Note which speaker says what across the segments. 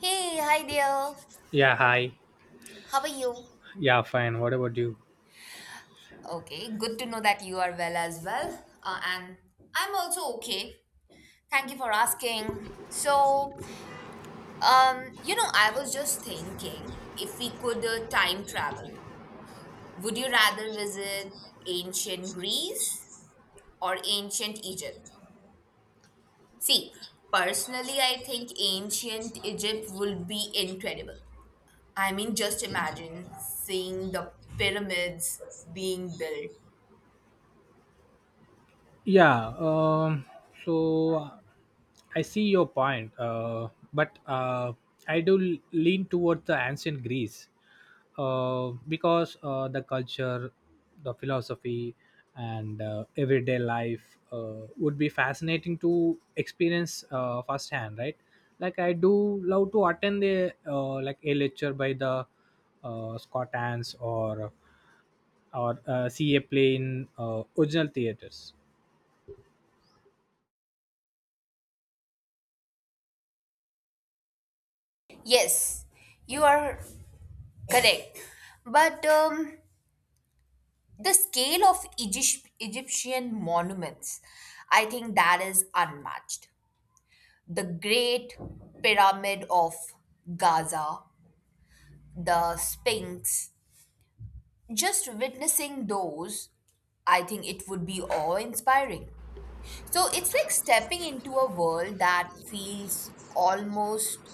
Speaker 1: Hey, hi there.
Speaker 2: Yeah, hi.
Speaker 1: How are you?
Speaker 2: Yeah, fine. What about you?
Speaker 1: Okay, good to know that you are well as well. And I'm also okay. Thank you for asking. So, I was just thinking if we could time travel, would you rather visit ancient Greece or ancient Egypt? See, personally, I think ancient Egypt would be incredible. I mean, just imagine seeing the pyramids being built.
Speaker 2: Yeah, so I see your point, but I do lean toward the ancient Greece because the culture, the philosophy, and everyday life would be fascinating to experience firsthand, right? Like I do love to attend a like a lecture by the Scots, or see a play in original theaters.
Speaker 1: Yes, you are correct. But the scale of Egypt, Egyptian monuments, I think that is unmatched. The Great Pyramid of Gaza, the Sphinx, just witnessing those, I think it would be awe inspiring. So it's like stepping into a world that feels almost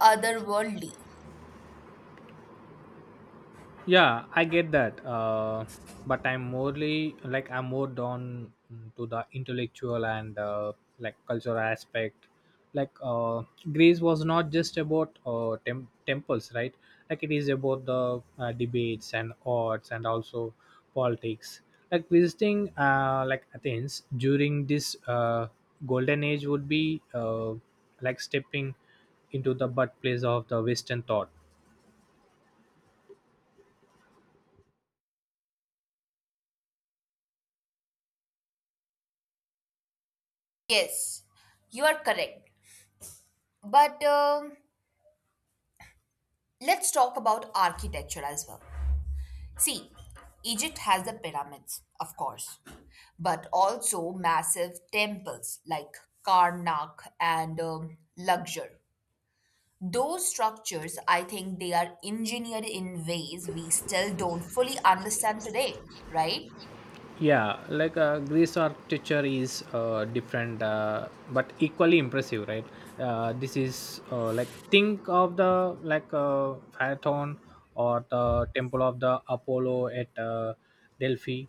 Speaker 1: otherworldly.
Speaker 2: Yeah, I get that, but I'm more down to the intellectual and like cultural aspect. Like Greece was not just about temples, right? Like it is about the debates and arts and also politics, like visiting like Athens during this golden age would be like stepping into the birthplace of the Western thought.
Speaker 1: Yes, you are correct. But Let's talk about architecture as well. See, Egypt has the pyramids, of course, but also massive temples like Karnak and Luxor. Those structures, I think they are engineered in ways we still don't fully understand today, right?
Speaker 2: Yeah, like Greece architecture is different, but equally impressive, right? This is like think of the like Phaethon or the temple of the Apollo at Delphi.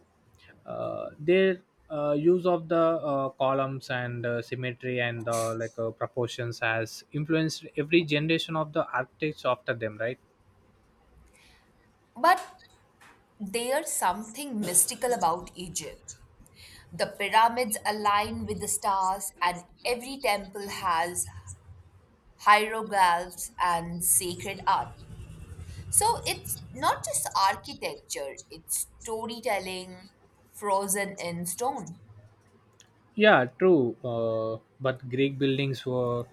Speaker 2: Their use of the columns and symmetry and proportions has influenced every generation of the architects after them, right?
Speaker 1: But there's something mystical about Egypt. The pyramids align with the stars, and every temple has hieroglyphs, and sacred art. So it's not just architecture, it's storytelling frozen in stone.
Speaker 2: Yeah, true. But Greek buildings were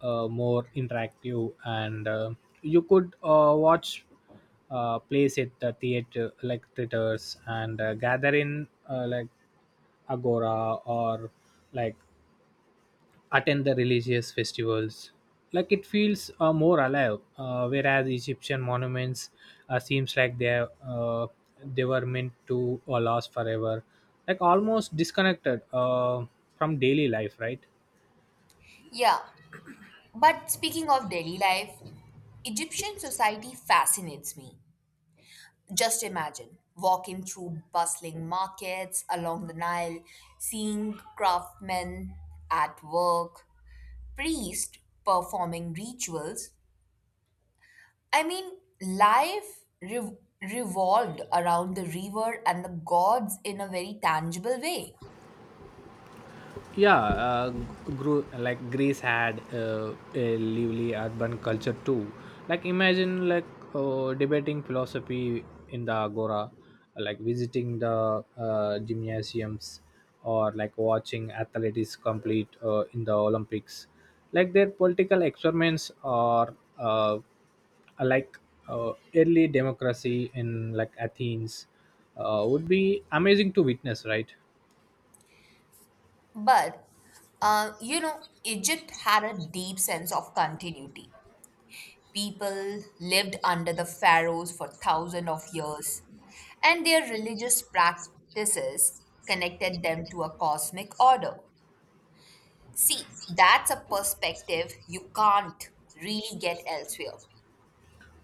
Speaker 2: more interactive, and you could watch plays at the theater, like theaters, and gather in like agora or like attend the religious festivals. Like it feels more alive, whereas Egyptian monuments seems like they were meant to last forever, like almost disconnected from daily life, right?
Speaker 1: Yeah, but speaking of daily life, Egyptian society fascinates me. Just imagine walking through bustling markets along the Nile, seeing craftsmen at work, priests performing rituals, I mean, life revolved around the river and the gods in a very tangible way.
Speaker 2: Yeah, like Greece had a lively urban culture too. Like imagine like debating philosophy in the agora, like visiting the gymnasiums, or like watching athletes complete in the Olympics. Like their political experiments are, like early democracy in like Athens would be amazing to witness, right?
Speaker 1: But, Egypt had a deep sense of continuity. People lived under the pharaohs for thousands of years, and their religious practices connected them to a cosmic order. See, that's a perspective you can't really get elsewhere.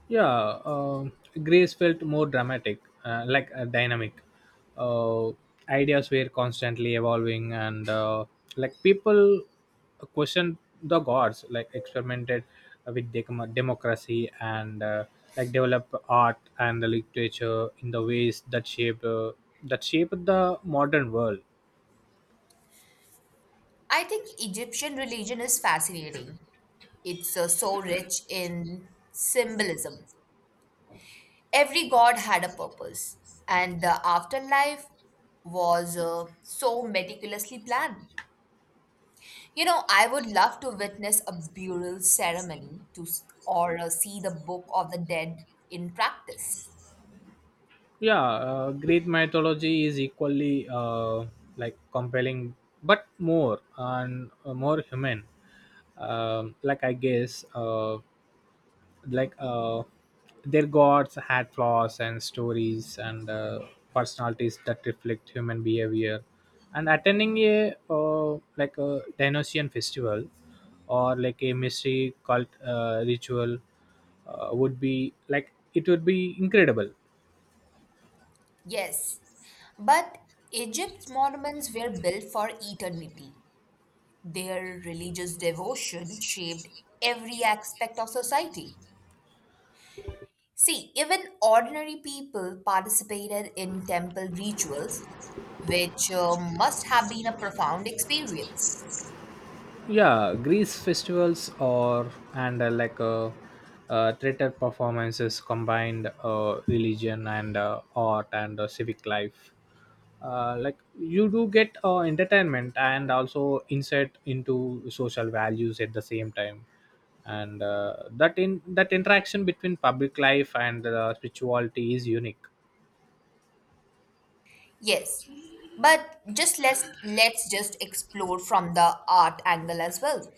Speaker 2: Yeah, Grace felt more dramatic, like dynamic. Uh, Ideas were constantly evolving, and like people questioned the gods, like experimented with democracy and like developed art and the literature in the ways that shaped the modern world.
Speaker 1: I think Egyptian religion is fascinating. It's so rich in symbolism. Every god had a purpose, and the afterlife was so meticulously planned. You know, I would love to witness a burial ceremony to s- or see the Book of the Dead in practice.
Speaker 2: Yeah, Greek mythology is equally like compelling but more human. Like I guess, uh, like uh, their gods had flaws and stories and personalities that reflect human behavior, and attending a uh, like a Dionysian festival or like a mystery cult ritual, would be like it would be incredible.
Speaker 1: Yes, but Egypt's monuments were built for eternity. Their religious devotion shaped every aspect of society. See, even ordinary people participated in temple rituals, which must have been a profound experience.
Speaker 2: Yeah, greece festivals or and theater performances combined religion and art and civic life. Like you do get entertainment and also insight into social values at the same time, and that interaction between public life and spirituality is unique.
Speaker 1: Yes, but just let's just explore from the art angle as well.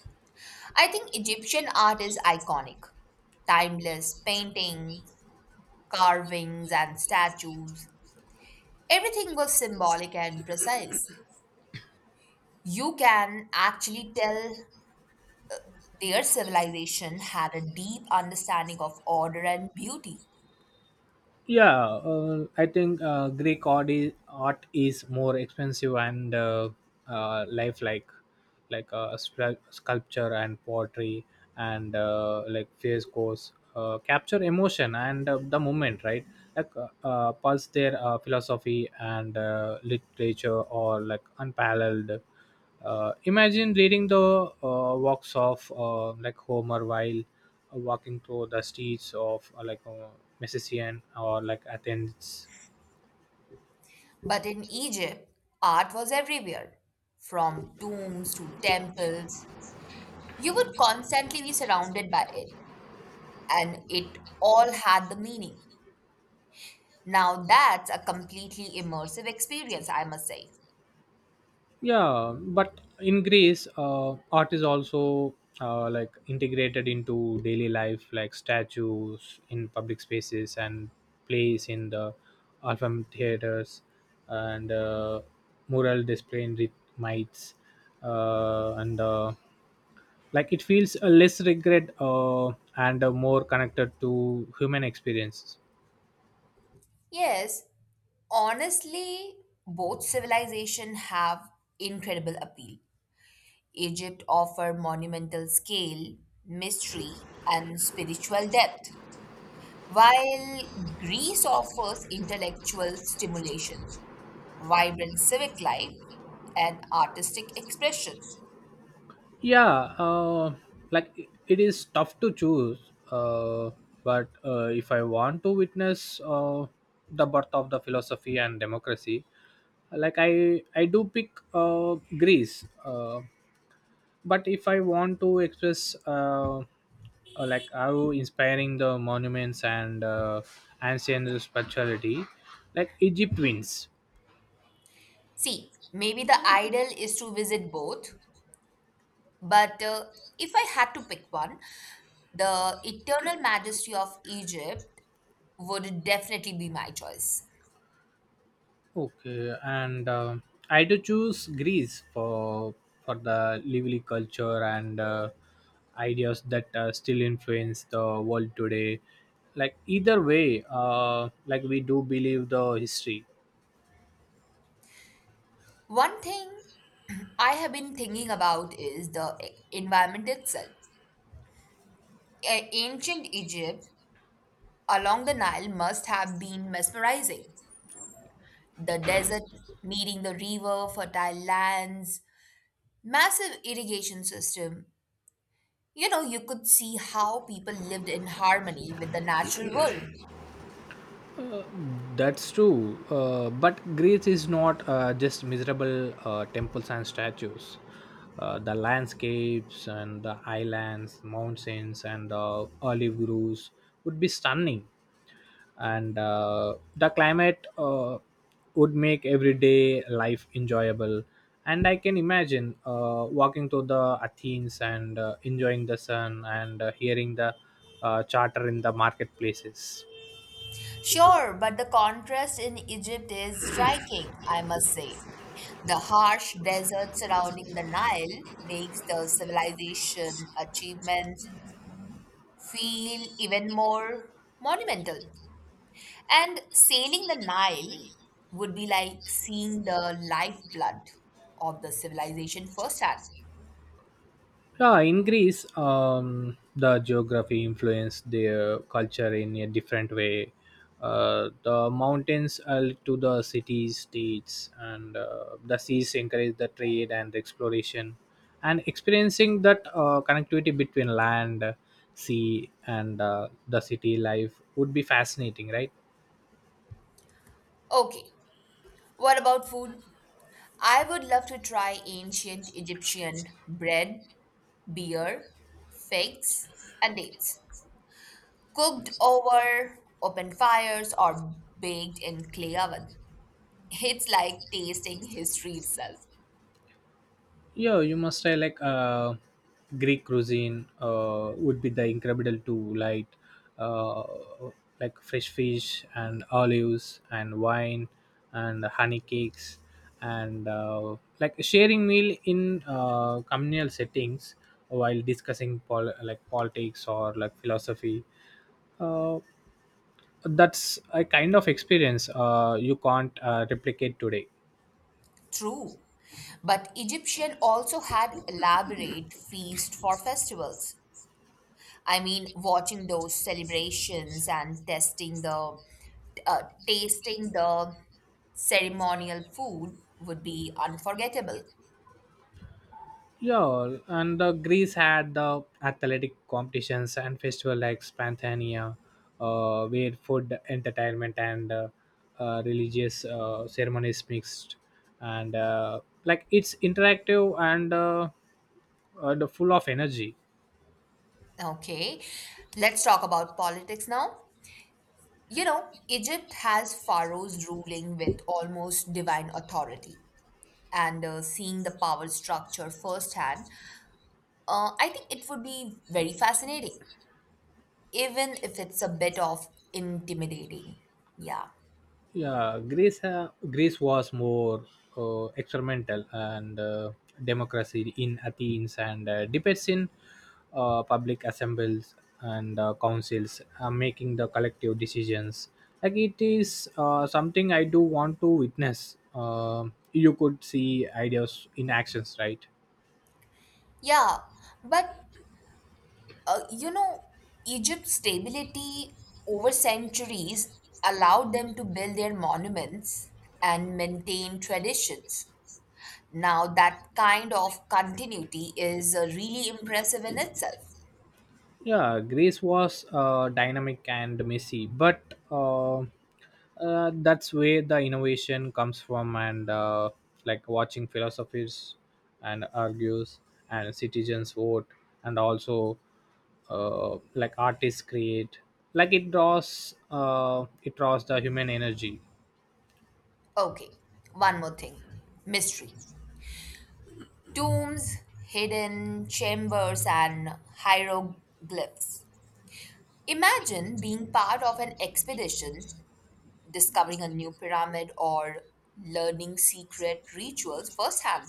Speaker 1: I think Egyptian art is iconic. Timeless paintings, carvings, and statues. Everything was symbolic and precise. You can actually tell their civilization had a deep understanding of order and beauty.
Speaker 2: Yeah, I think Greek art is more expensive and, lifelike, like sculpture and pottery and like frescoes capture emotion and the moment, right. Like pulse their philosophy and literature or like unparalleled. Imagine reading the works of like Homer while walking through the streets of Messenian or like Athens.
Speaker 1: But in Egypt, art was everywhere, from tombs to temples. You would constantly be surrounded by it, and it all had the meaning. Now that's a completely immersive experience, I must say.
Speaker 2: Yeah, but in Greece, art is also like integrated into daily life, like statues in public spaces and plays in the Alpha theaters and mural display in Mites, and like it feels a less regret, and more connected to human experiences.
Speaker 1: Yes, honestly, both civilization have incredible appeal. Egypt offer monumental scale, mystery, and spiritual depth, while Greece offers intellectual stimulation, vibrant civic life, and artistic expression.
Speaker 2: Yeah, like it is tough to choose, uh, but if I want to witness the birth of the philosophy and democracy, like I do pick Greece, but if I want to express, like how inspiring the monuments and ancient spirituality, like Egypt wins.
Speaker 1: See, maybe the ideal is to visit both, but if I had to pick one, the eternal majesty of Egypt would definitely be my choice.
Speaker 2: Okay, and I do choose Greece for the lively culture and ideas that still influence the world today. Like either way, like we do believe the history.
Speaker 1: One thing I have been thinking about is the environment itself. Ancient Egypt along the Nile must have been mesmerizing. The desert meeting the river, fertile lands, massive irrigation system. You know, you could see how people lived in harmony with the natural world.
Speaker 2: That's true. But Greece is not just miserable temples and statues. The landscapes and the islands, mountains, and the olive groves would be stunning, and the climate would make everyday life enjoyable. And I can imagine walking to the Athens and enjoying the sun and hearing the charter in the marketplaces.
Speaker 1: Sure, but the contrast in Egypt is striking, I must say. The harsh desert surrounding the Nile makes the civilization achievements feel even more monumental. And sailing the Nile would be like seeing the lifeblood of the civilization firsthand.
Speaker 2: Yeah, in Greece, the geography influenced their culture in a different way. The mountains are linked to the cities, states, and the seas encourage the trade and exploration. And experiencing that connectivity between land, sea, and the city life would be fascinating, right?
Speaker 1: Okay, what about food? I would love to try ancient Egyptian bread, beer, figs, and dates, cooked over open fires or baked in clay oven. It's like tasting history itself.
Speaker 2: Yeah, you must try like, Greek cuisine would be the incredible to light, uh, like fresh fish and olives and wine and honey cakes and like sharing meal in communal settings while discussing like politics or like philosophy. Uh, that's a kind of experience you can't replicate today.
Speaker 1: True. But Egyptian also had elaborate feast for festivals. I mean, watching those celebrations and testing the uh, tasting the ceremonial food would be unforgettable.
Speaker 2: Yeah, and Greece had the athletic competitions and festival like Spanthania, where food, entertainment, and religious ceremonies mixed, and like it's interactive and the full of energy.
Speaker 1: Okay, let's talk about politics now. You know, Egypt has pharaohs ruling with almost divine authority. And seeing the power structure firsthand, I think it would be very fascinating, even if it's a bit of intimidating. Yeah.
Speaker 2: Yeah, Greece was more experimental, and democracy in Athens and debates in public assemblies and councils making the collective decisions, like it is something I do want to witness. You could see ideas in actions, right?
Speaker 1: Yeah. But, uh, you know, Egypt's stability over centuries allowed them to build their monuments and maintain traditions. Now, that kind of continuity is really impressive in itself.
Speaker 2: Yeah, Greece was dynamic and messy, but, that's where the innovation comes from. And like watching philosophers and argues and citizens vote, and also like artists create. Like it draws the human energy.
Speaker 1: Okay, one more thing mystery. Tombs, hidden chambers, and hieroglyphs. Imagine being part of an expedition, discovering a new pyramid, or learning secret rituals firsthand.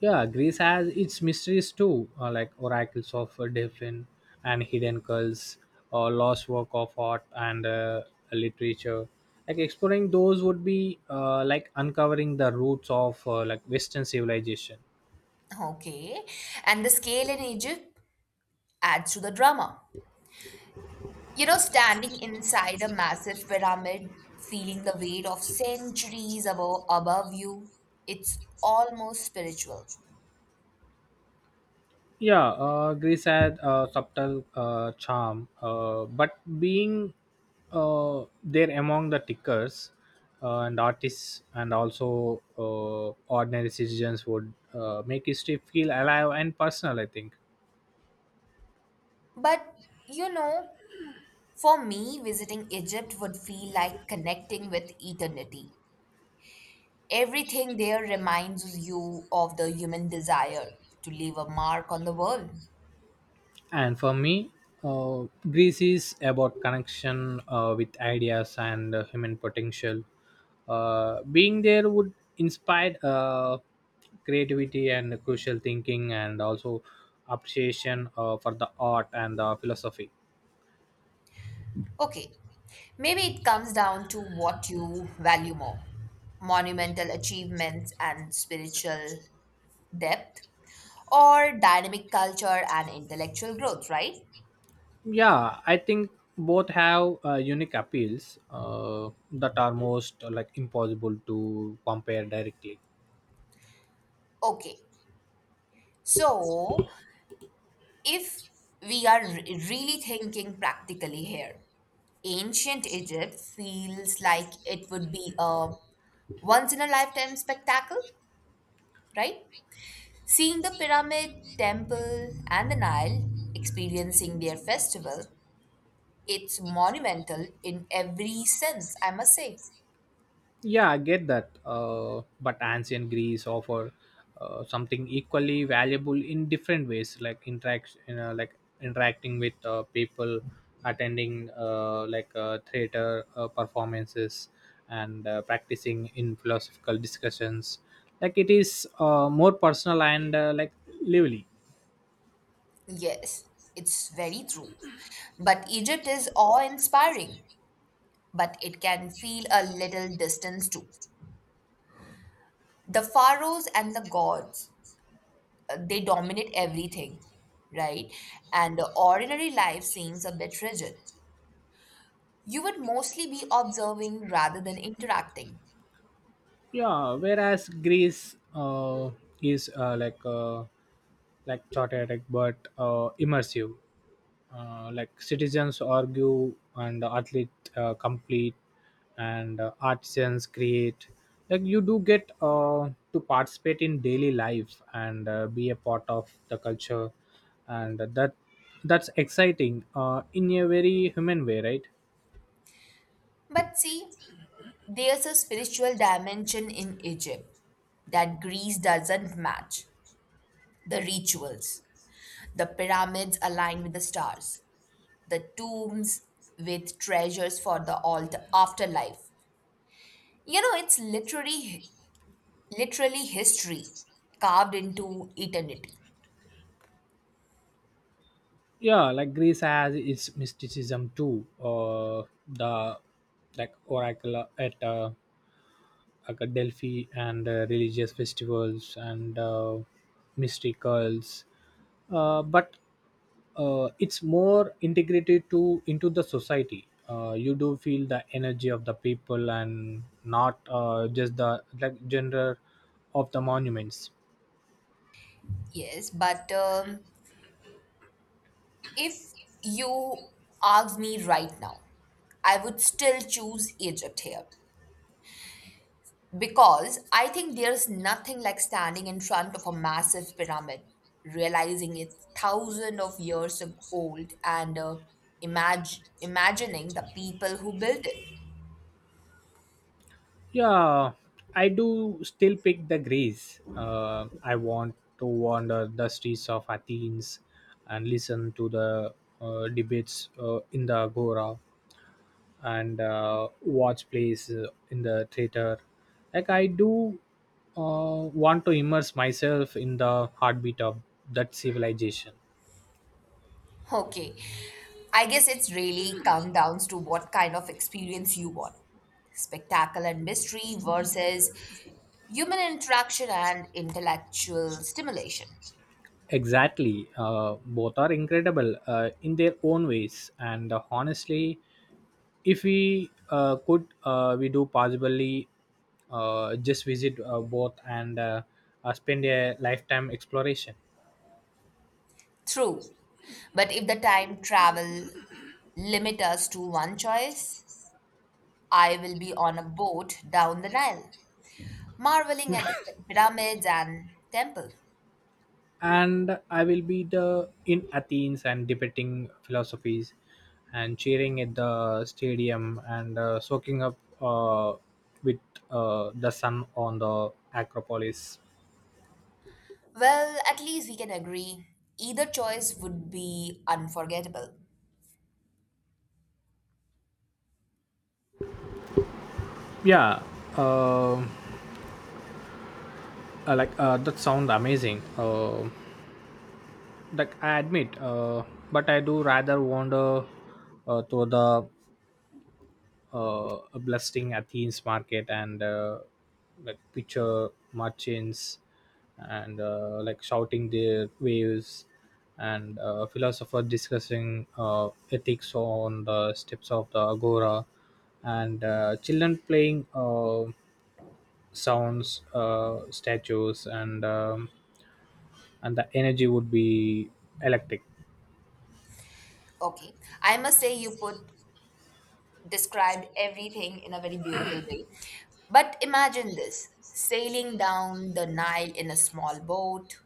Speaker 2: Yeah, Greece has its mysteries too, like oracles of Delphin and hidden cults, or lost work of art and literature. Like exploring those would be like uncovering the roots of like Western civilization.
Speaker 1: Okay, and the scale in Egypt adds to the drama. You know, standing inside a massive pyramid, feeling the weight of centuries above you, it's almost spiritual.
Speaker 2: Yeah, Greece had a subtle charm, but being there among the tickers, and artists, and also ordinary citizens, would make history feel alive and personal, I think.
Speaker 1: But you know, for me, visiting Egypt would feel like connecting with eternity. Everything there reminds you of the human desire to leave a mark on the world.
Speaker 2: And for me, uh, Greece is about connection with ideas and human potential. Being there would inspire creativity and crucial thinking and also appreciation for the art and the philosophy.
Speaker 1: Okay, maybe it comes down to what you value more monumental achievements and spiritual depth, or dynamic culture and intellectual growth, right?
Speaker 2: Yeah, I think both have unique appeals that are most like impossible to compare directly.
Speaker 1: Okay. So, if we are really thinking practically here, ancient Egypt feels like it would be a once in a lifetime spectacle, right? Seeing the pyramid, temple, and the Nile, experiencing their festival, it's monumental in every sense, I must say.
Speaker 2: Yeah, I get that. But ancient Greece offer something equally valuable in different ways, like interaction, like interacting with people, attending theater performances, and practicing in philosophical discussions. Like it is more personal and like lively.
Speaker 1: Yes, it's very true. But Egypt is awe inspiring but it can feel a little distance too. The pharaohs and the gods, they dominate everything, right? And the ordinary life seems a bit rigid. You would mostly be observing rather than interacting.
Speaker 2: Yeah, whereas Greece, is like chaotic but immersive, like citizens argue and athlete complete and artisans create. Like you do get to participate in daily life and be a part of the culture, and that's exciting in a very human way, right?
Speaker 1: But see, there's a spiritual dimension in Egypt that Greece doesn't match. The rituals, the pyramids aligned with the stars, the tombs with treasures for the afterlife. You know, it's literally history carved into eternity.
Speaker 2: Yeah, like Greece has its mysticism too. The like oracle at like a Delphi and religious festivals and mysticals, but it's more integrated to into the society. You do feel the energy of the people and not just the like gender of the monuments.
Speaker 1: Yes, but if you ask me right now, I would still choose Egypt here because I think there's nothing like standing in front of a massive pyramid, realizing it's thousands of years old, and imagining the people who built it.
Speaker 2: Yeah, I do still pick the Greece. I want to wander the streets of Athens and listen to the debates in the Agora and watch plays in the theater. Like, I do want to immerse myself in the heartbeat of that civilization.
Speaker 1: Okay. I guess it's really come down to what kind of experience you want. Spectacle and mystery versus human interaction and intellectual stimulation.
Speaker 2: Exactly. Both are incredible in their own ways. And honestly, if we could, we do possibly just visit both and, spend a lifetime exploration.
Speaker 1: True. But if the time travel limit us to one choice, I will be on a boat down the Nile, marveling at the pyramids and temple.
Speaker 2: And I will be the in Athens and debating philosophies and cheering at the stadium and soaking up with the sun on the Acropolis.
Speaker 1: Well, at least we can agree either choice would be unforgettable.
Speaker 2: Yeah. um that sound amazing, like I admit, but I do rather wander to the blasting Athens market and like picture merchants and like shouting their waves and philosopher discussing ethics on the steps of the Agora and children playing sounds, statues, and the energy would be electric.
Speaker 1: Okay, I must say you put described everything in a very beautiful way. But imagine this sailing down the Nile in a small boat,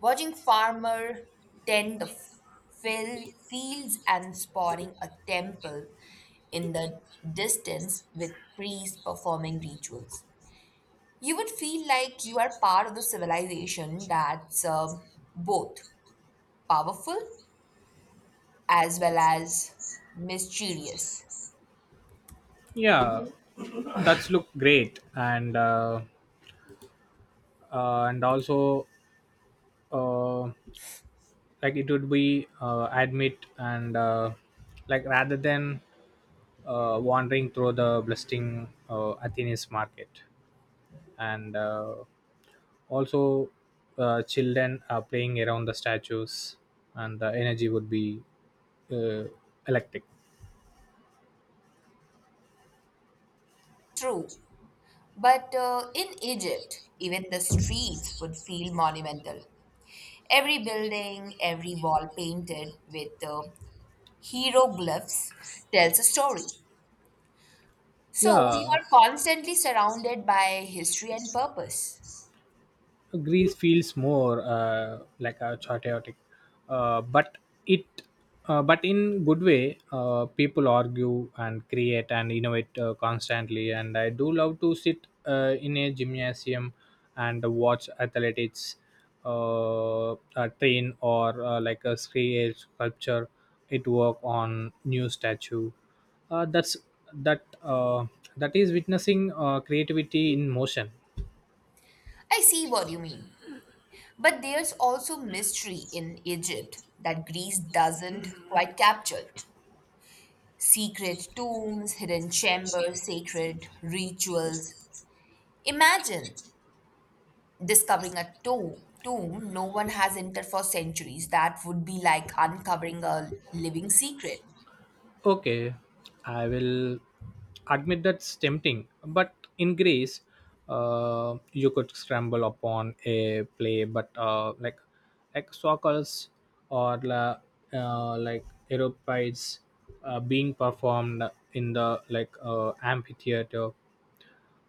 Speaker 1: watching farmer tend the fields and spotting a temple in the distance with priests performing rituals. You would feel like you are part of the civilization that's both powerful as well as mysterious.
Speaker 2: Yeah, that's look great, and, and also uh, like it would be admit and like rather than wandering through the bustling Athens market and. Also children are playing around the statues and the energy would be uh, electric.
Speaker 1: True. But in Egypt, even the streets would feel monumental. Every building, every wall painted with hieroglyphs tells a story. So you
Speaker 2: Yeah,
Speaker 1: are constantly surrounded by history and purpose.
Speaker 2: Greece feels more like a chaotic, but it, but in good way. People argue and create and innovate constantly, and I do love to sit in a gymnasium and watch athletics, uh, uh, train or like a create sculpture. It work on new statue. Uh, that's that uh, that is witnessing creativity in motion.
Speaker 1: I see what you mean. But there's also mystery in Egypt that Greece doesn't quite capture. Secret tombs, hidden chambers, sacred rituals. Imagine discovering a tomb no one has entered for centuries. That would be like uncovering a living secret.
Speaker 2: Okay, I will admit that's tempting, but in Greece, you could scramble upon a play, but like circles or like aeropides being performed in the like amphitheater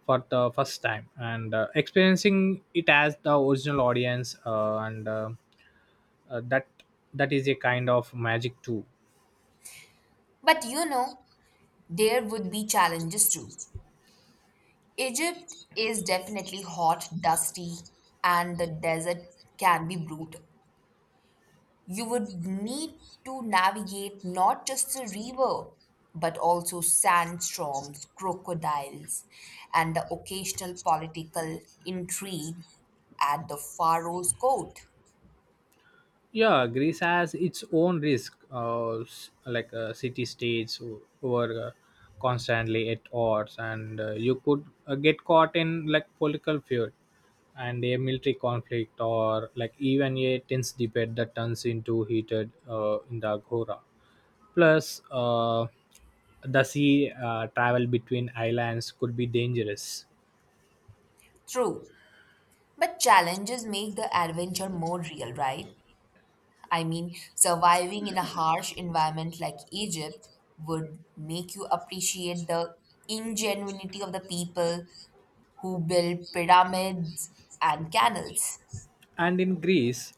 Speaker 2: for the first time and experiencing it as the original audience, and uh, that that is a kind of magic too.
Speaker 1: But there would be challenges too. Egypt is definitely hot, dusty, and the desert can be brutal. You would need to navigate not just the river, but also sandstorms, crocodiles, and the occasional political intrigue at the pharaoh's court.
Speaker 2: Yeah, Greece has its own risk, like city states who are constantly at odds, and you could get caught in like political feud and a military conflict, or like even a tense debate that turns into heated in the Agora. Plus, the sea travel between islands could be dangerous.
Speaker 1: True. But challenges make the adventure more real, right? I mean, surviving in a harsh environment like Egypt would make you appreciate the ingenuity of the people who build pyramids and canals.
Speaker 2: And in Greece,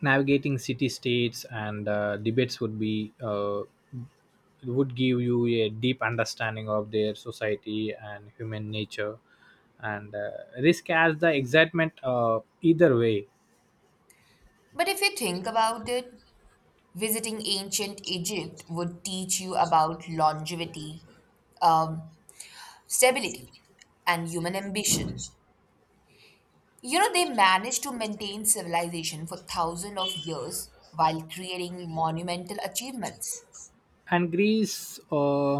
Speaker 2: navigating city states and debates would give you a deep understanding of their society and human nature, and risk has the excitement either way.
Speaker 1: But if you think about it, visiting ancient Egypt would teach you about longevity, um, stability, and human ambition. You know, they managed to maintain civilization for thousands of years while creating monumental achievements.
Speaker 2: And Greece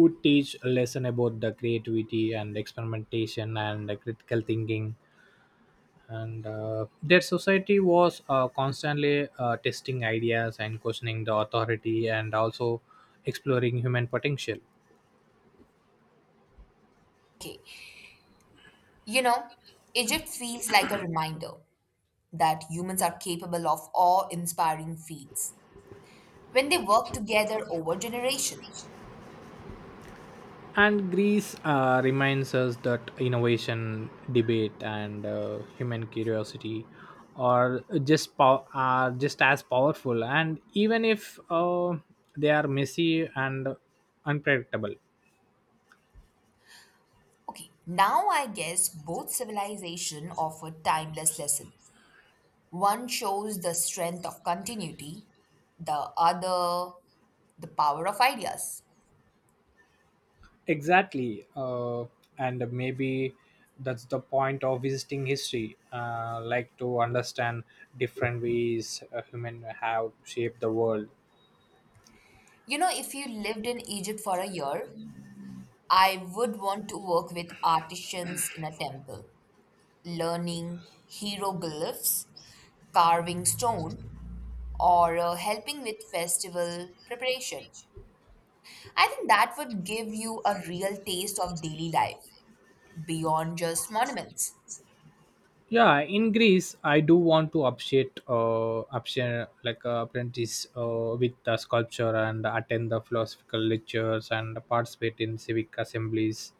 Speaker 2: would teach a lesson about the creativity and experimentation and the critical thinking. And their society was constantly testing ideas and questioning the authority and also exploring human potential.
Speaker 1: Okay, you know, Egypt feels like a reminder that humans are capable of awe-inspiring feats when they work together over generation.
Speaker 2: And Greece reminds us that innovation, debate, and human curiosity are just as powerful, and even if they are messy and unpredictable.
Speaker 1: Okay, now I guess both civilization offer timeless lesson. One shows the strength of continuity, the other the power of ideas.
Speaker 2: Exactly, and maybe that's the point of visiting history, like to understand different ways human have shaped the world.
Speaker 1: You know, if you lived in Egypt for a year, I would want to work with artisans in a temple, learning hieroglyphs, carving stone, or helping with festival preparation. I think that would give you a real taste of daily life beyond just monuments.
Speaker 2: Yeah, in Greece, I do want to appreciate like apprentice with the sculpture and attend the philosophical lectures and participate in civic assemblies.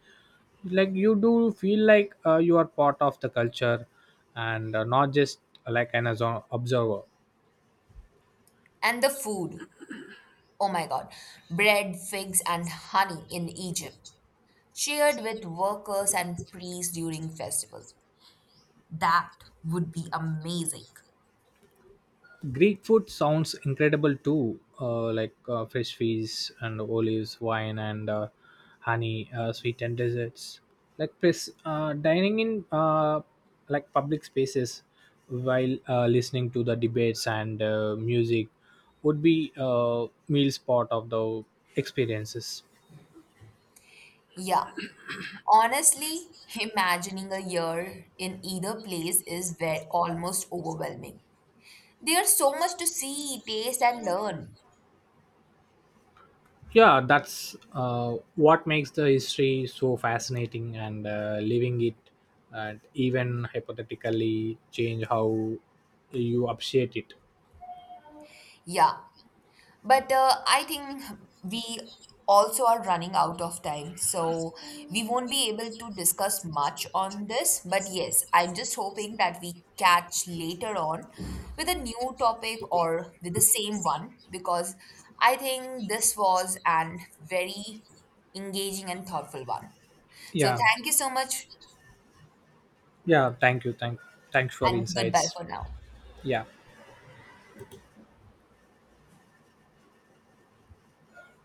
Speaker 2: Like you do feel like you are part of the culture and not just like an observer.
Speaker 1: And the food oh my god, bread, figs, and honey in Egypt, shared with workers and priests during festival. That would be amazing.
Speaker 2: Greek food sounds incredible too, like fresh fish and olives, wine and honey, sweetened desserts. Like dining in like public spaces while listening to the debates and music would be a meal's part of the experiences.
Speaker 1: Yeah, honestly, imagining a year in either place is very, almost overwhelming. There's so much to see, taste, and learn.
Speaker 2: Yeah, that's what makes the history so fascinating and living it and even hypothetically change how you appreciate it.
Speaker 1: Yeah, but I think we also are running out of time, so we won't be able to discuss much on this. But yes, I'm just hoping that we catch later on with a new topic or with the same one because I think this was an very engaging and thoughtful one. So
Speaker 2: Yeah.
Speaker 1: thank you so much
Speaker 2: Yeah, thank you, thanks for
Speaker 1: and goodbye
Speaker 2: insights.
Speaker 1: for now.
Speaker 2: Yeah.